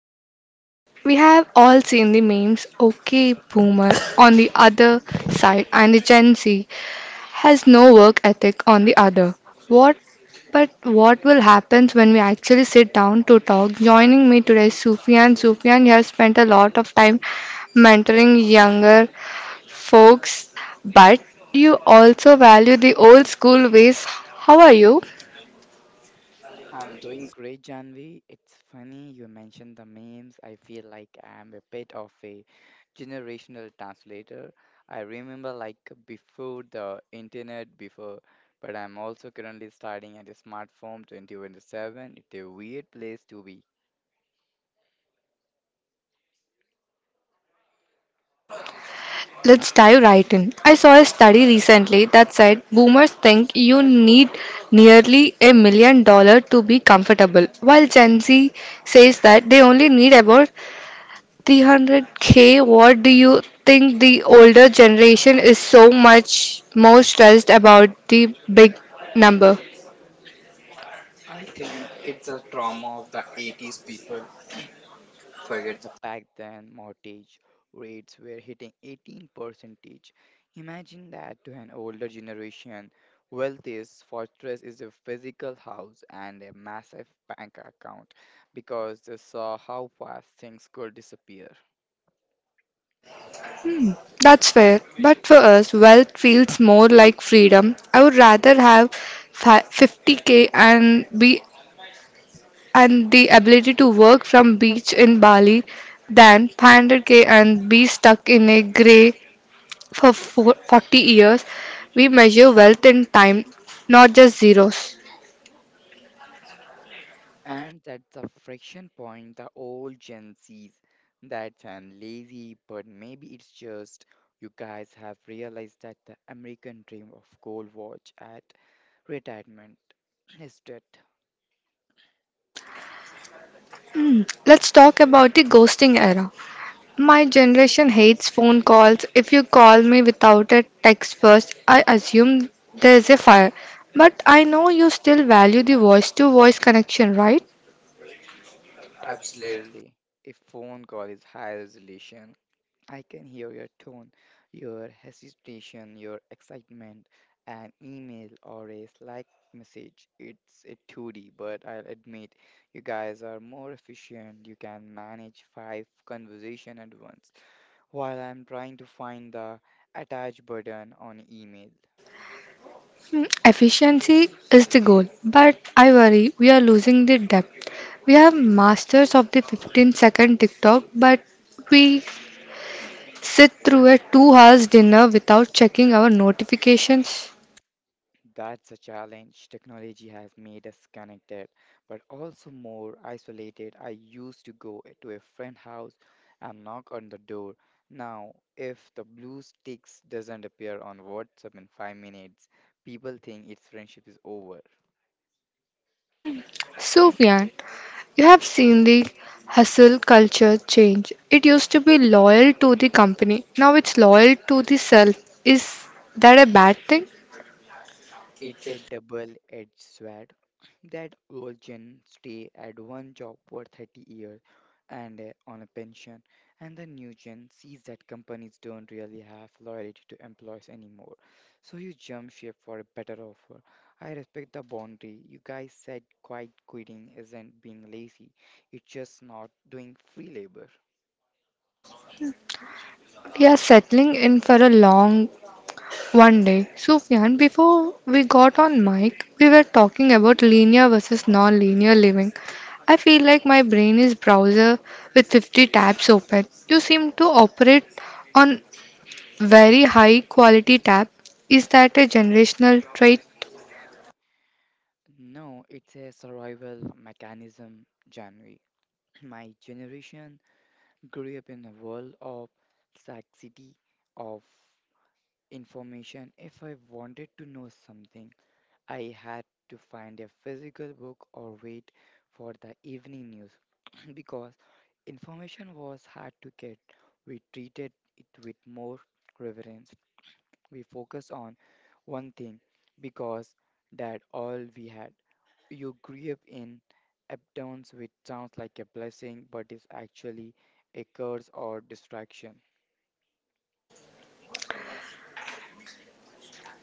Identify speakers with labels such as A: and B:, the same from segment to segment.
A: Divide. We have all seen the memes. Okay, boomer on the other side, and the Gen Z has no work ethic on the other. What but what will happen when we actually sit down to talk? Joining me today is Sufyan. Sufyan has spent a lot of time mentoring younger folks, but you also value the old school ways. How are you?
B: I'm doing great, Janvi. It's funny you mentioned the memes. I feel like I'm a bit of a generational translator. I remember before the internet, before, but I'm also currently starting at a smartphone 2027. It's a weird place to be.
A: Let's dive right in. I saw a study recently that said boomers think you need nearly $1 million to be comfortable, while Gen Z says that they only need about 300k. What do you think the older generation is so much more stressed about the big number?
B: I think it's a trauma of the 80s people. Forget the back then, mortgage rates were hitting 18%. Imagine that to an older generation. Wealthy's fortress is a physical house and a massive bank account because they saw how fast things could disappear.
A: That's fair, but for us, wealth feels more like freedom. I would rather have 50k and be and the ability to work from beach in Bali than 500k and be stuck in a grey for 40 years. We measure wealth in time, not just zeros.
B: And that's the friction point, the old Gen Zs, that's an lazy, but maybe it's just you guys have realized that the American dream of gold watch at retirement is dead.
A: Let's talk about the ghosting era. My generation hates phone calls. If you call me without a text first, I assume there is a fire. But I know you still value the voice to voice connection, right?
B: Absolutely. A phone call is high resolution. I can hear your tone, your hesitation, your excitement. An email or a Slack message, it's a 2D, but I'll admit you guys are more efficient. You can manage five conversation at once, while I'm trying to find the attach button on email.
A: Efficiency is the goal, but I worry we are losing the depth. We have masters of the 15-second TikTok, but we sit through a 2 hours dinner without checking our notifications.
B: That's a challenge. Technology has made us connected, but also more isolated. I used to go to a friend's house and knock on the door. Now, if the blue sticks doesn't appear on WhatsApp in 5 minutes, people think its friendship is over.
A: Sufyan, you have seen the hustle culture change. It used to be loyal to the company, now it's loyal to the self. Is that a bad thing?
B: It's a double-edged sword. That old gen stay at one job for 30 years and on a pension, and the new gen sees that companies don't really have loyalty to employees anymore. So you jump ship for a better offer. I respect the boundary. You guys said quiet quitting isn't being lazy, it's just not doing free labor.
A: We are settling in for a long— One day, Sufyan, before we got on mic, we were talking about linear versus non-linear living. I feel like my brain is browser with 50 tabs open. You seem to operate on very high quality tab. Is that a generational trait?
B: No, it's a survival mechanism, January. My generation grew up in a world of scarcity of information. If I wanted to know something, I had to find a physical book or wait for the evening news because information was hard to get. We treated it with more reverence. We focus on one thing because that all we had. You grew up in uptowns, which sounds like a blessing, but is actually a curse or distraction.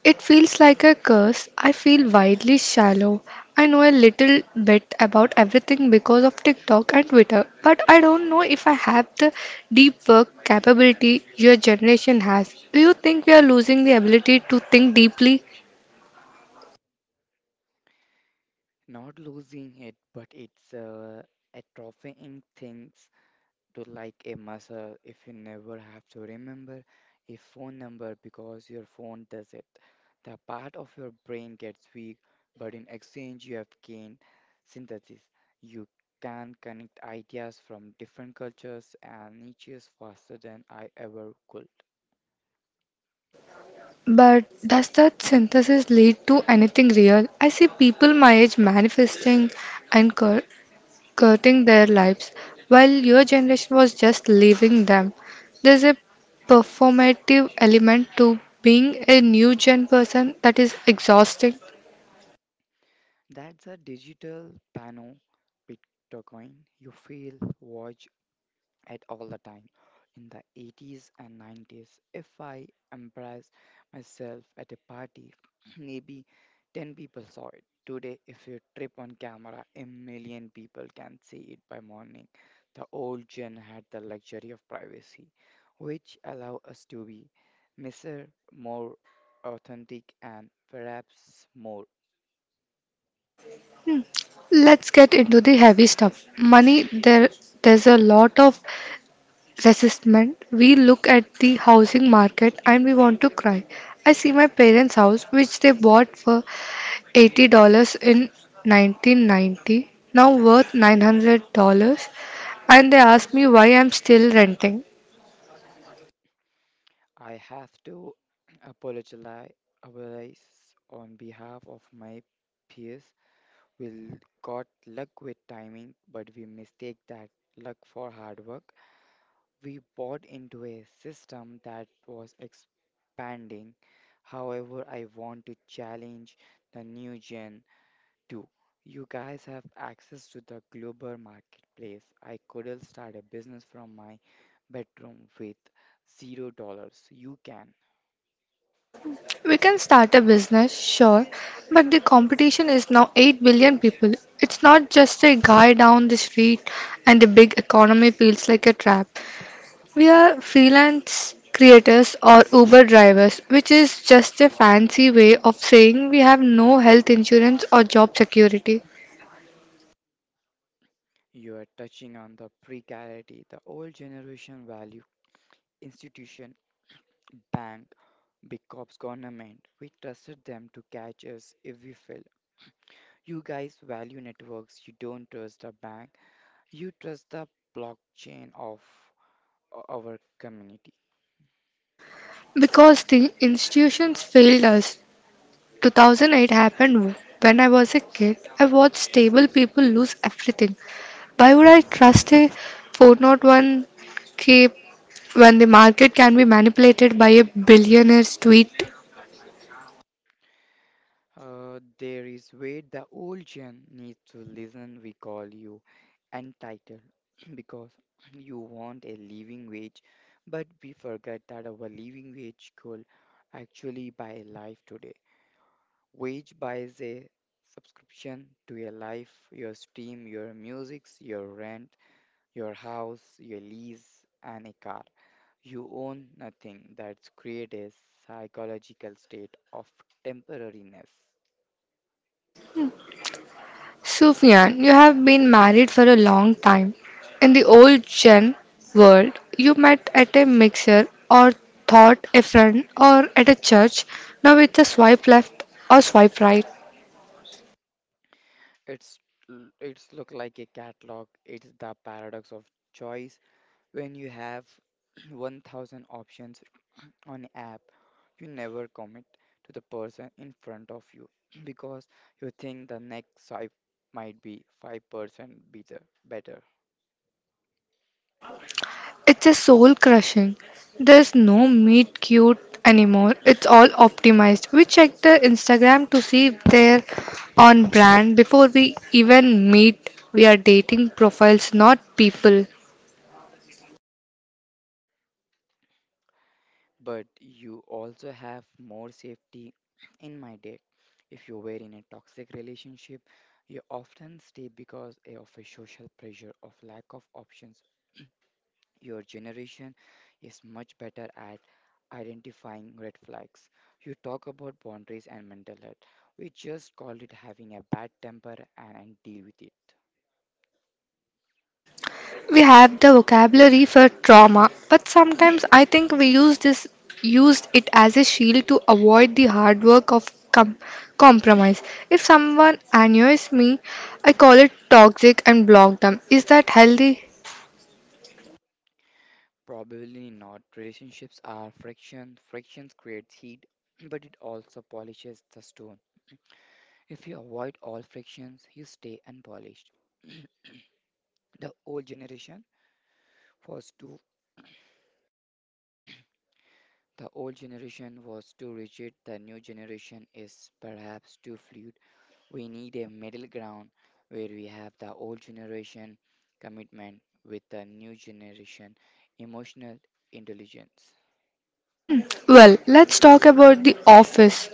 A: It feels like a curse. I feel wildly shallow. I know a little bit about everything because of TikTok and Twitter, but I don't know if I have the deep work capability your generation has. Do you think we are losing the ability to think deeply?
B: Not losing it, but it's atrophying things to a muscle. If you never have to remember a phone number because your phone does it, the part of your brain gets weak, but in exchange, you have gained synthesis. You can connect ideas from different cultures and niches faster than I ever could.
A: But does that synthesis lead to anything real? I see people my age manifesting anchor skirting their lives, while your generation was just leaving them. There's a performative element to being a new gen person that is exhausting.
B: That's a digital pano Bitcoin. You feel, watch, at all the time. In the 80s and 90s, if I embarrassed myself at a party, maybe 10 people saw it. Today, if you trip on camera, a million people can see it by morning. The old gen had the luxury of privacy, which allow us to be messier, more authentic, and perhaps more.
A: Let's get into the heavy stuff. Money, there there's a lot of resistment. We look at the housing market and we want to cry. I see my parents' house which they bought for $80 in 1990, now worth $900, and they ask me why I'm still renting.
B: I have to apologize apologize on behalf of my peers. We got luck with timing, but we mistake that luck for hard work. We bought into a system that was expanding. However, I want to challenge the new gen too. You guys have access to the global marketplace. I couldn't start a business from my bedroom with $0. You can.
A: We can start a business, sure, but the competition is now 8 billion people. It's not just a guy down the street, and the big economy feels like a trap. We are freelance creators or Uber drivers, which is just a fancy way of saying we have no health insurance or job security,
B: You are touching on the precarity, the old generation value institution, bank, big corps, government. We trusted them to catch us if we fell. You guys value networks. You don't trust a bank. You trust the blockchain of our community.
A: because the institutions failed us. 2008 happened when I was a kid. I watched stable people lose everything. Why would I trust a 401k when the market can be manipulated by a billionaire's tweet?
B: There is where the old gen needs to listen. We call you entitled because you want a living wage, but we forget that our living wage could actually buy a life today, which buys a subscription to your life, your stream, your musics, your rent, your house, your lease, and a car. You own nothing. That's create a psychological state of temporariness.
A: Sufyan, you have been married for a long time. In the old gen world, you met at a mixer or thought a friend or at a church. Now it's a swipe left or swipe right.
B: It's it's look like a catalog. It's the paradox of choice. When you have 1,000 options on app, you never commit to the person in front of you because you think the next swipe might be 5% better better
A: It's a soul crushing. There's no meet cute anymore. It's all optimized. We check their Instagram to see if they're on brand before we even meet. We are dating profiles, not people.
B: but you also have more safety. In my day, if you were in a toxic relationship, you often stay because of a social pressure of lack of options. Your generation is much better at identifying red flags. You talk about boundaries and mental health. We just call it having a bad temper and, deal with it.
A: We have the vocabulary for trauma, but sometimes I think we used it as a shield to avoid the hard work of compromise. If someone annoys me, I call it toxic and block them. Is that healthy?
B: Probably not. Relationships are friction. Frictions creates heat, but it also polishes the stone. If you avoid all frictions, you stay unpolished. The old generation was too the old generation was too rigid, the new generation is perhaps too fluid. We need a middle ground where we have the old generation commitment with the new generation emotional intelligence.
A: Well, let's talk about the office.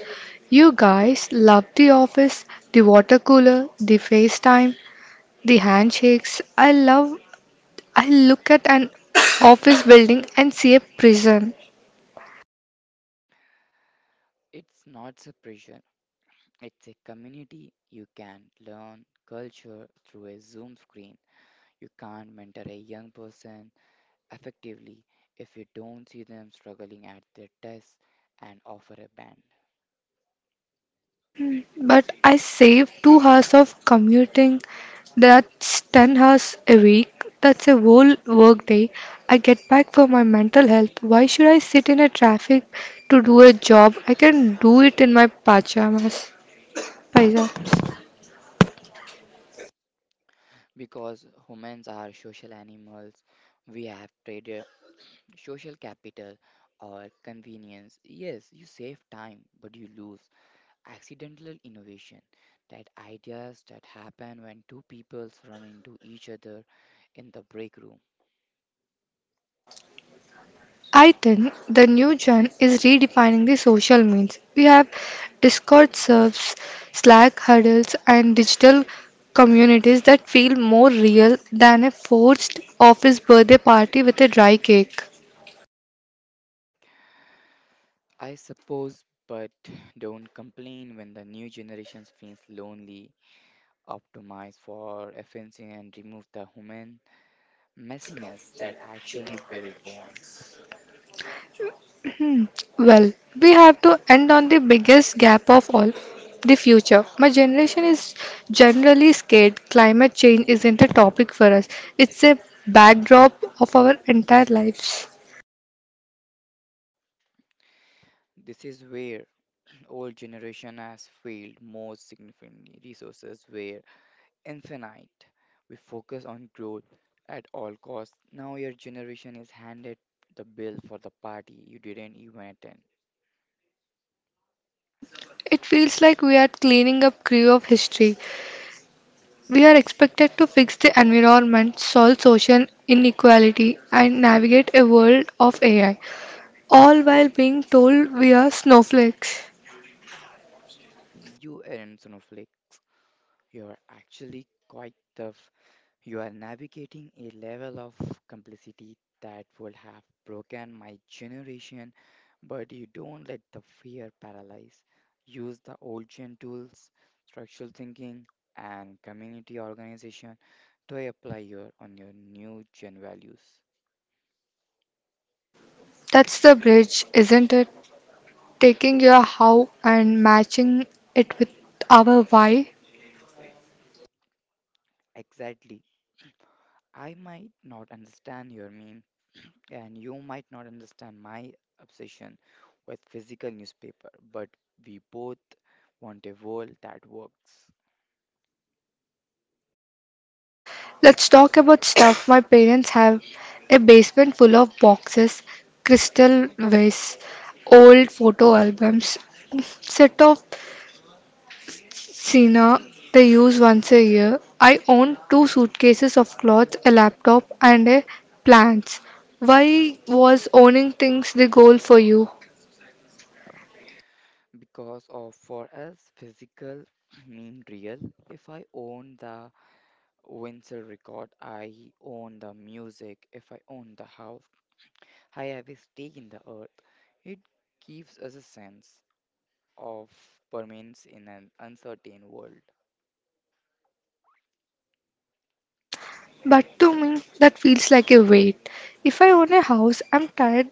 A: You guys love the office, the water cooler, the FaceTime, the handshakes. I look at an office building and see a prison.
B: It's not suppression, it's a community. You can learn culture through a Zoom screen. You can't mentor a young person effectively if you don't see them struggling at their tests and offer a band.
A: But I save 2 hours of commuting. That's 10 hours a week. That's a whole work day I get back for my mental health. Why should I sit in a traffic to do a job? I can do it in my pajamas. Paisa.
B: Because humans are social animals, we have traded social capital or convenience. Yes, you save time, but you lose accidental innovation. That ideas that happen when two peoples run into each other in the break room.
A: I think the new gen is redefining the social means. We have Discord serves, Slack huddles, and digital communities that feel more real than a forced office birthday party with a dry cake.
B: I suppose, but don't complain when the new generations feels lonely. Optimize for efficiency and remove the human messiness that actually build bonds.
A: Hmm. Well, we have to end on the biggest gap of all, the future. My generation is generally scared. Climate change isn't a topic for us, it's a backdrop of our entire lives.
B: This is where old generation has failed most significantly. Resources were infinite. We focus on growth at all costs. Now your generation is handed the bill for the party you didn't even attend.
A: It feels like we are cleaning up crew of history. We are expected to fix the environment, solve social inequality, and navigate a world of AI, all while being told we are snowflakes.
B: You aren't snowflake. You're actually quite tough. You are navigating a level of complexity that would have broken my generation, but you don't let the fear paralyze. Use the old gen tools, structural thinking, and community organization to apply your on your new gen values.
A: That's the bridge, isn't it? Taking your how and matching it with our why.
B: Exactly. I might not understand your meme, and you might not understand my obsession with physical newspaper, but we both want a world that works.
A: Let's talk about stuff. My parents have a basement full of boxes, crystal vases, old photo albums, set of Sina, they use once a year. I own two suitcases of clothes, a laptop, and a plants. Why was owning things the goal for you?
B: Because of for us physical mean real. If I own the Windsor record, I own the music. If I own the house, I have a stake in the earth. It gives us a sense of permanence in an uncertain world.
A: But to me, that feels like a weight. If I own a house, I'm tied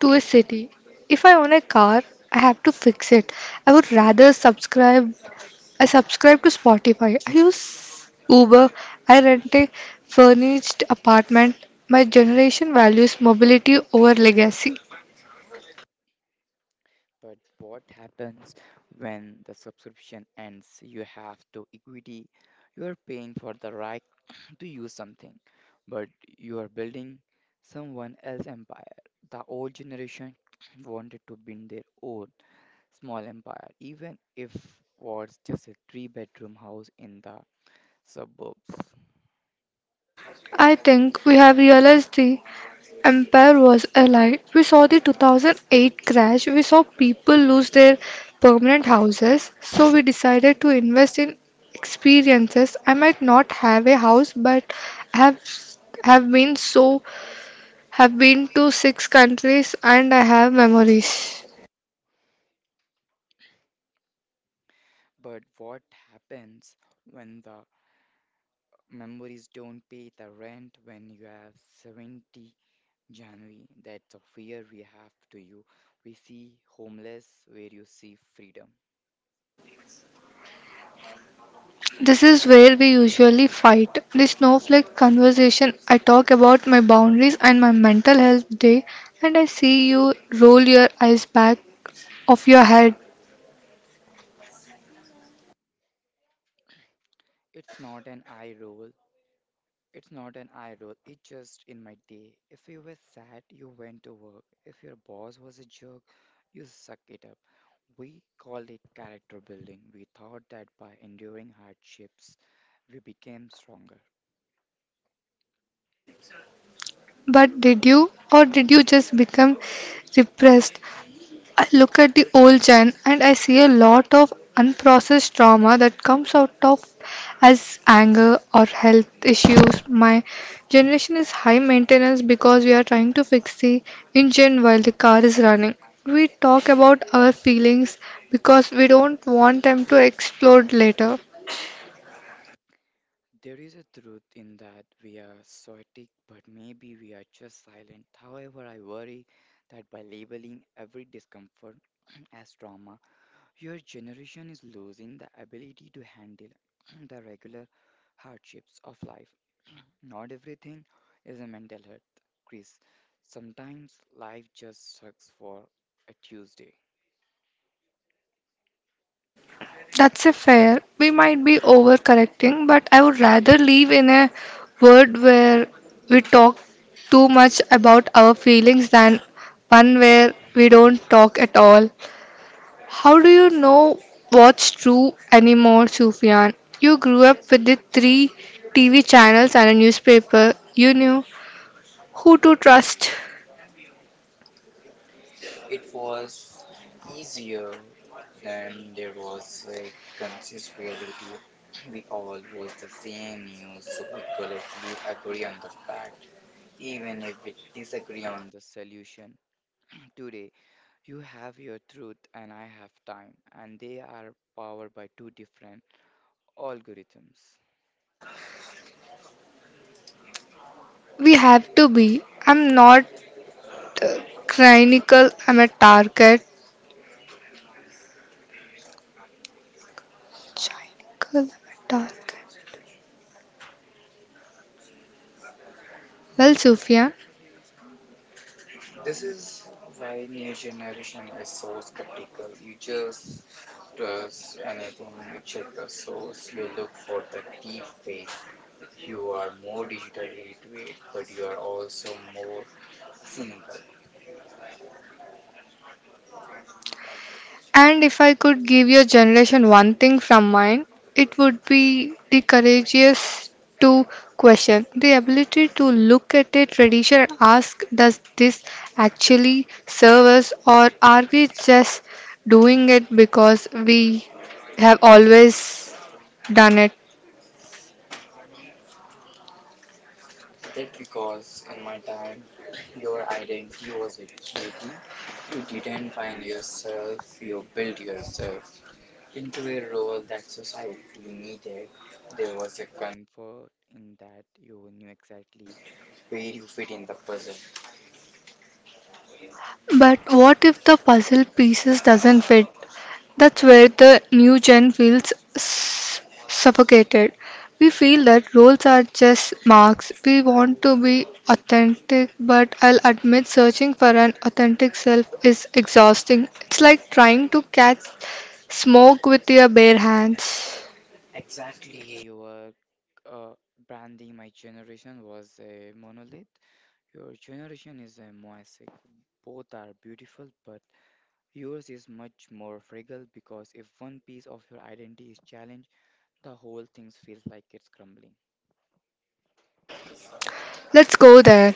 A: to a city. If I own a car, I have to fix it. I would rather subscribe. I subscribe to Spotify. I use Uber. I rent a furnished apartment. My generation values mobility over legacy.
B: But what happens when the subscription ends? You have to equity. You are paying for the right to use something, but you are building someone else's empire. The old generation wanted to build their own small empire, even if was just a three-bedroom house in the suburbs.
A: I think we have realized the empire was a lie. We saw the 2008 crash, we saw people lose their permanent houses, so we decided to invest in experiences. I might not have a house, but I have have been so have been to six countries and I have memories.
B: But what happens when the memories don't pay the rent when you have 70, January? That's a fear we have to you. We see homeless where you see freedom.
A: This is where we usually fight. The snowflake conversation. I talk about my boundaries and my mental health day, and I see you roll your eyes back of your head.
B: It's not an eye roll, It's not an eye roll, it's just in my day. If you were sad, you went to work. If your boss was a jerk, you suck it up. We called it character building. We thought that by enduring hardships, we became stronger.
A: But did you, or did you just become repressed? I look at the old gen and I see a lot of unprocessed trauma that comes out of as anger or health issues. My generation is high maintenance because we are trying to fix the engine while the car is running. We talk about our feelings because we don't want them to explode later.
B: There is a truth in that we are stoic, but maybe we are just silent. However, I worry that by labeling every discomfort as trauma, your generation is losing the ability to handle the regular hardships of life. Not everything is a mental health, Chris. Sometimes life just sucks for a Tuesday.
A: That's a fair. We might be overcorrecting, but I would rather live in a world where we talk too much about our feelings than one where we don't talk at all. How do you know what's true anymore, Sufyan? You grew up with the three TV channels and a newspaper. You knew who to trust.
B: It was easier than there was a conscious reality. We all watch the same news, so we could at least agree on the fact, even if we disagree on the solution. Today, you have your truth, and I have time, and they are powered by two different algorithms.
A: We have to be. I'm not uh, cynical, I'm a target. Cynical, I'm a target. Well, Sufia,
B: This is why new generation is so skeptical. You just trust anything, you check the source, you look for the deep fake. You are more digitally literate, but you are also more cynical.
A: and if I could give your generation one thing from mine, it would be the courageous to question, the ability to look at a tradition and ask, does this actually serve us, or are we just doing it because we have always done it?
B: That because in my time, your identity was a duty. You didn't find yourself, you built yourself into a role that society needed. There was a comfort in that. You knew exactly where you fit in the puzzle.
A: But what if the puzzle pieces doesn't fit? That's where the new gen feels suffocated. We feel that roles are just marks. We want to be authentic, but I'll admit searching for an authentic self is exhausting. It's like trying to catch smoke with your bare hands.
B: Exactly, your uh, branding. My generation was a monolith. Your generation is a mosaic. Both are beautiful, but yours is much more fragile because if one piece of your identity is challenged, the whole thing feels like it's crumbling.
A: Let's go there.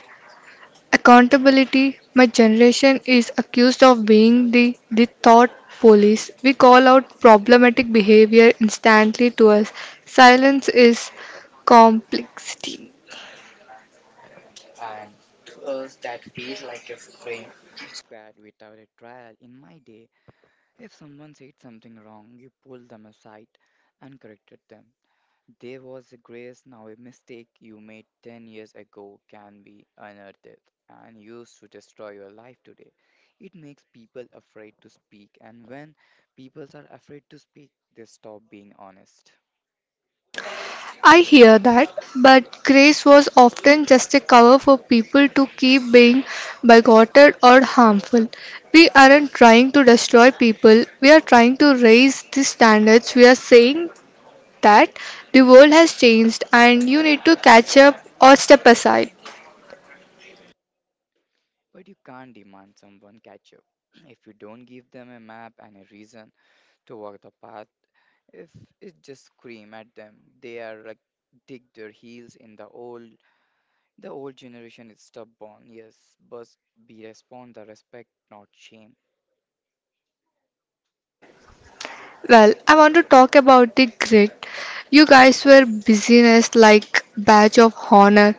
A: Accountability. My generation is accused of being the thought police. We call out problematic behavior instantly. To us, silence is complexity.
B: And to us, that feels like a spring squared without a trial. In my day, if someone said something wrong, you pulled them aside and corrected them. There was a grace. Now a mistake you made 10 years ago can be unearthed and used to destroy your life today. It makes people afraid to speak, and when people are afraid to speak, they stop being honest.
A: I hear that, but grace was often just a cover for people to keep being bigoted or harmful. We aren't trying to destroy people, we are trying to raise the standards. We are saying that the world has changed and you need to catch up or step aside.
B: But you can't demand someone catch up. If you don't give them a map and a reason to walk the path, if it just scream at them, they are like dig their heels in. The old generation is stubborn, yes, but we respond the respect, not shame.
A: Well, I want to talk about the grit. You guys were busyness like badge of honor.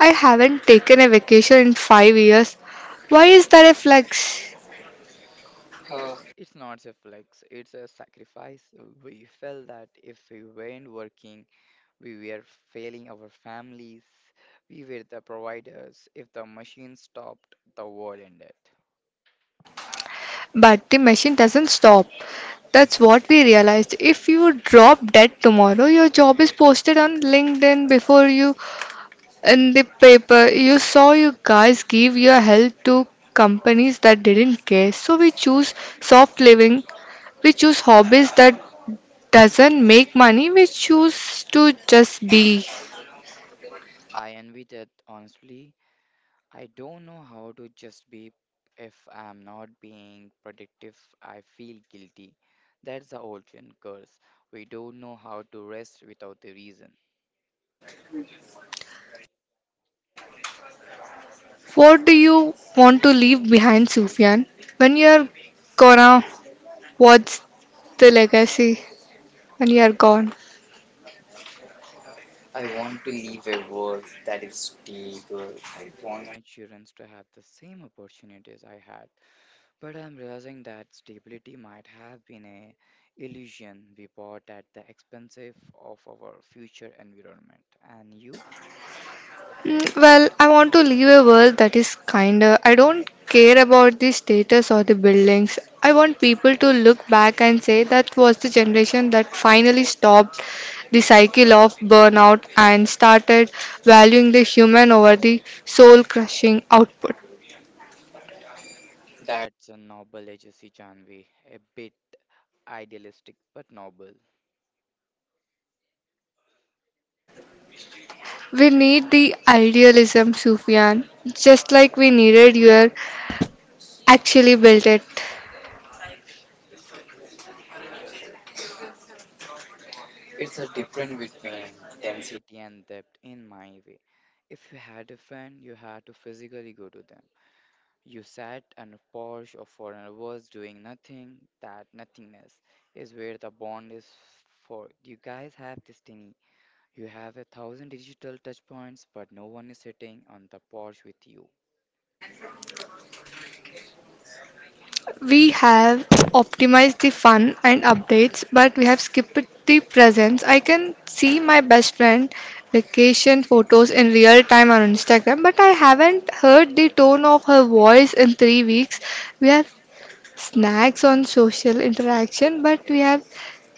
A: I haven't taken a vacation in 5 years. Why is that a flex?
B: It's not a flex, it's a sacrifice. We felt that if we weren't working, we were failing our families, we were the providers. If the machine stopped, the world ended.
A: But the machine doesn't stop. That's what we realized. If you drop dead tomorrow, your job is posted on LinkedIn before you— In the paper, you saw you guys give your health to companies that didn't care. So we choose soft living, we choose hobbies that doesn't make money, we choose to just be.
B: I envy that honestly. I don't know how to just be if I'm not being productive. I feel guilty. That's the Olympian curse. We don't know how to rest without a reason.
A: What do you want to leave behind, Sufyan? When you're gonna, what's the legacy when you're gone?
B: I want to live a world that is stable. I want my children to have the same opportunities I had. But I'm realizing that stability might have been a illusion we bought at the expense of our future environment. And you?
A: Well, I want to leave a world that is kinder. I don't care about the status or the buildings. I want people to look back and say that was the generation that finally stopped the cycle of burnout and started valuing the human over the soul crushing output.
B: That's a noble legacy, Janvi. A bit idealistic but noble.
A: We need the idealism, Sufyan, just like we needed your actually built it.
B: It's a difference between density and depth in my way. If you had a friend, you had to physically go to them. You sat on a porch or for hours doing nothing. That nothingness is where the bond is for. You guys have destiny. You have a thousand digital touch points, but no one is sitting on the porch with you.
A: We have optimized the fun and updates, but we have skipped the presence. I can see my best friend vacation photos in real time on Instagram, but I haven't heard the tone of her voice in 3 weeks. We have snacks on social interaction, but we have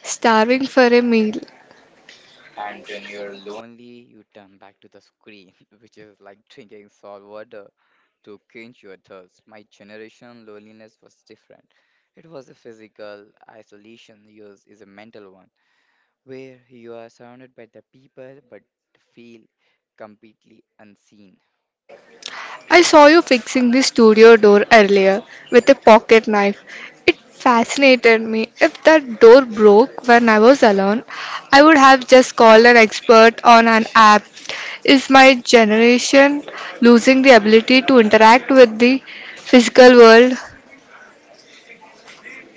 A: starving for a meal.
B: And when you're lonely, you turn back to the screen, which is like drinking salt water to quench your thirst. My generation loneliness was different. It was a physical isolation, yours is a mental one, where you are surrounded by the people but feel completely unseen.
A: I saw you fixing the studio door earlier with a pocket knife. It fascinated me. If that door broke when I was alone, I would have just called an expert on an app. Is my generation losing the ability to interact with the physical world?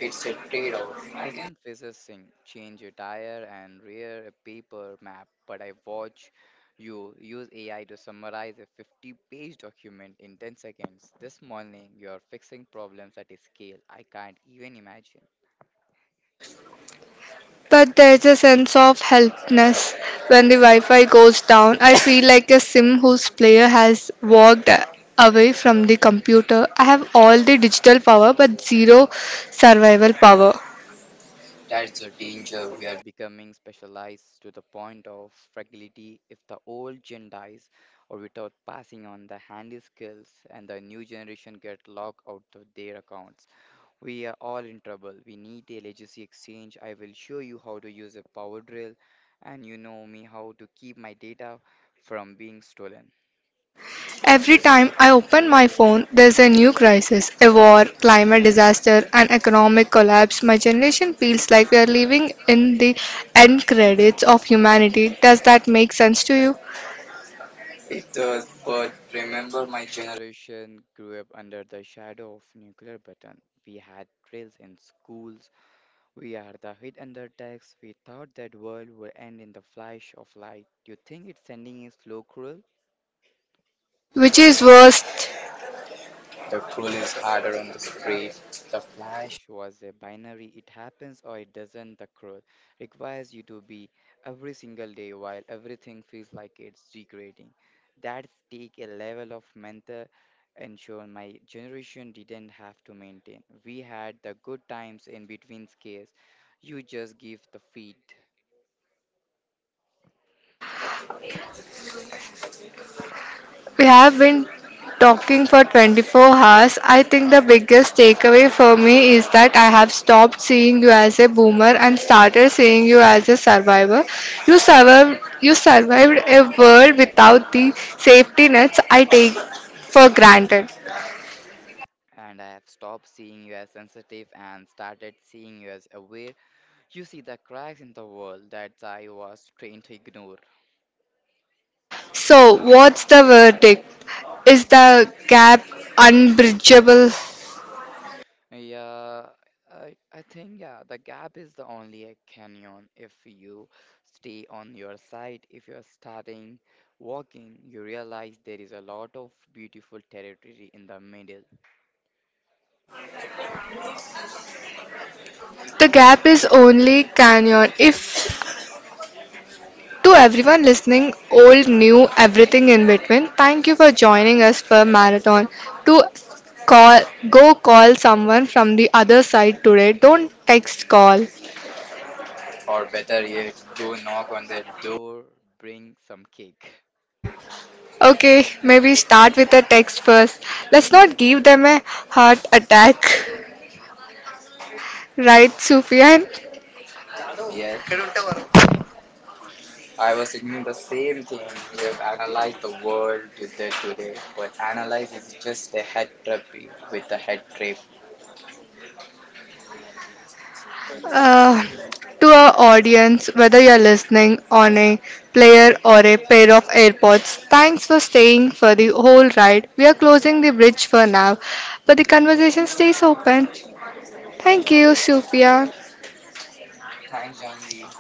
B: It's a trade off. I can physicing change a tire and rear a paper map, but I watch you use AI to summarize a 50-page page document in 10 seconds. This morning, you are fixing problems at a scale I can't even imagine.
A: But there's a sense of helplessness when the Wi Fi goes down. I feel like a sim whose player has walked away from the computer. I have all the digital power but zero survival power.
B: That's the danger. We are becoming specialized to the point of fragility if the old gen dies or without passing on the handy skills and the new generation get locked out of their accounts. We are all in trouble. We need a legacy exchange. I will show you how to use a power drill, and you know me how to keep my data from being stolen.
A: Every time I open my phone, there's a new crisis, a war, climate disaster, an economic collapse. My generation feels like we are living in the end credits of humanity. Does that make sense to you?
B: It does, but remember, my generation grew up under the shadow of nuclear button. We had drills in schools. We are the hid under text. We thought that world would end in the flash of light. You think it's ending is slow, cruel?
A: Which is worse?
B: The cruel is harder on the street. The flash was a binary. It happens or it doesn't. The cruel requires you to be every single day while everything feels like it's degrading. That take a level of mental ensure my generation didn't have to maintain. We had the good times in between scares. You just give the feed.
A: We have been talking for 24 hours. I think the biggest takeaway for me is that I have stopped seeing you as a boomer and started seeing you as a survivor. You survived a world without the safety nets I take for granted.
B: And I have stopped seeing you as sensitive and started seeing you as aware. You see the cracks in the world that I was trained to ignore.
A: So, what's the verdict? Is the gap unbridgeable?
B: Yeah, I think yeah, the gap is the only a canyon if you stay on your side. If you are starting walking, you realize there is a lot of beautiful territory in the middle.
A: The gap is only canyon if— To everyone listening, old, new, everything in between, thank you for joining us for Marathon. To call, Go call someone from the other side today. Don't text, call.
B: Or better yet, go knock on the door, bring some cake.
A: Okay, maybe start with a text first. Let's not give them a heart attack. Right, Sufyan?
B: Yes, I was thinking the same thing. We have analyzed the world today, but analyze is just a head trip with a head trip.
A: Uh, to our audience, whether you're listening on a player or a pair of AirPods, thanks for staying for the whole ride. We are closing the bridge for now, but the conversation stays open. Thank you, Sophia.
B: Thanks, Janvi.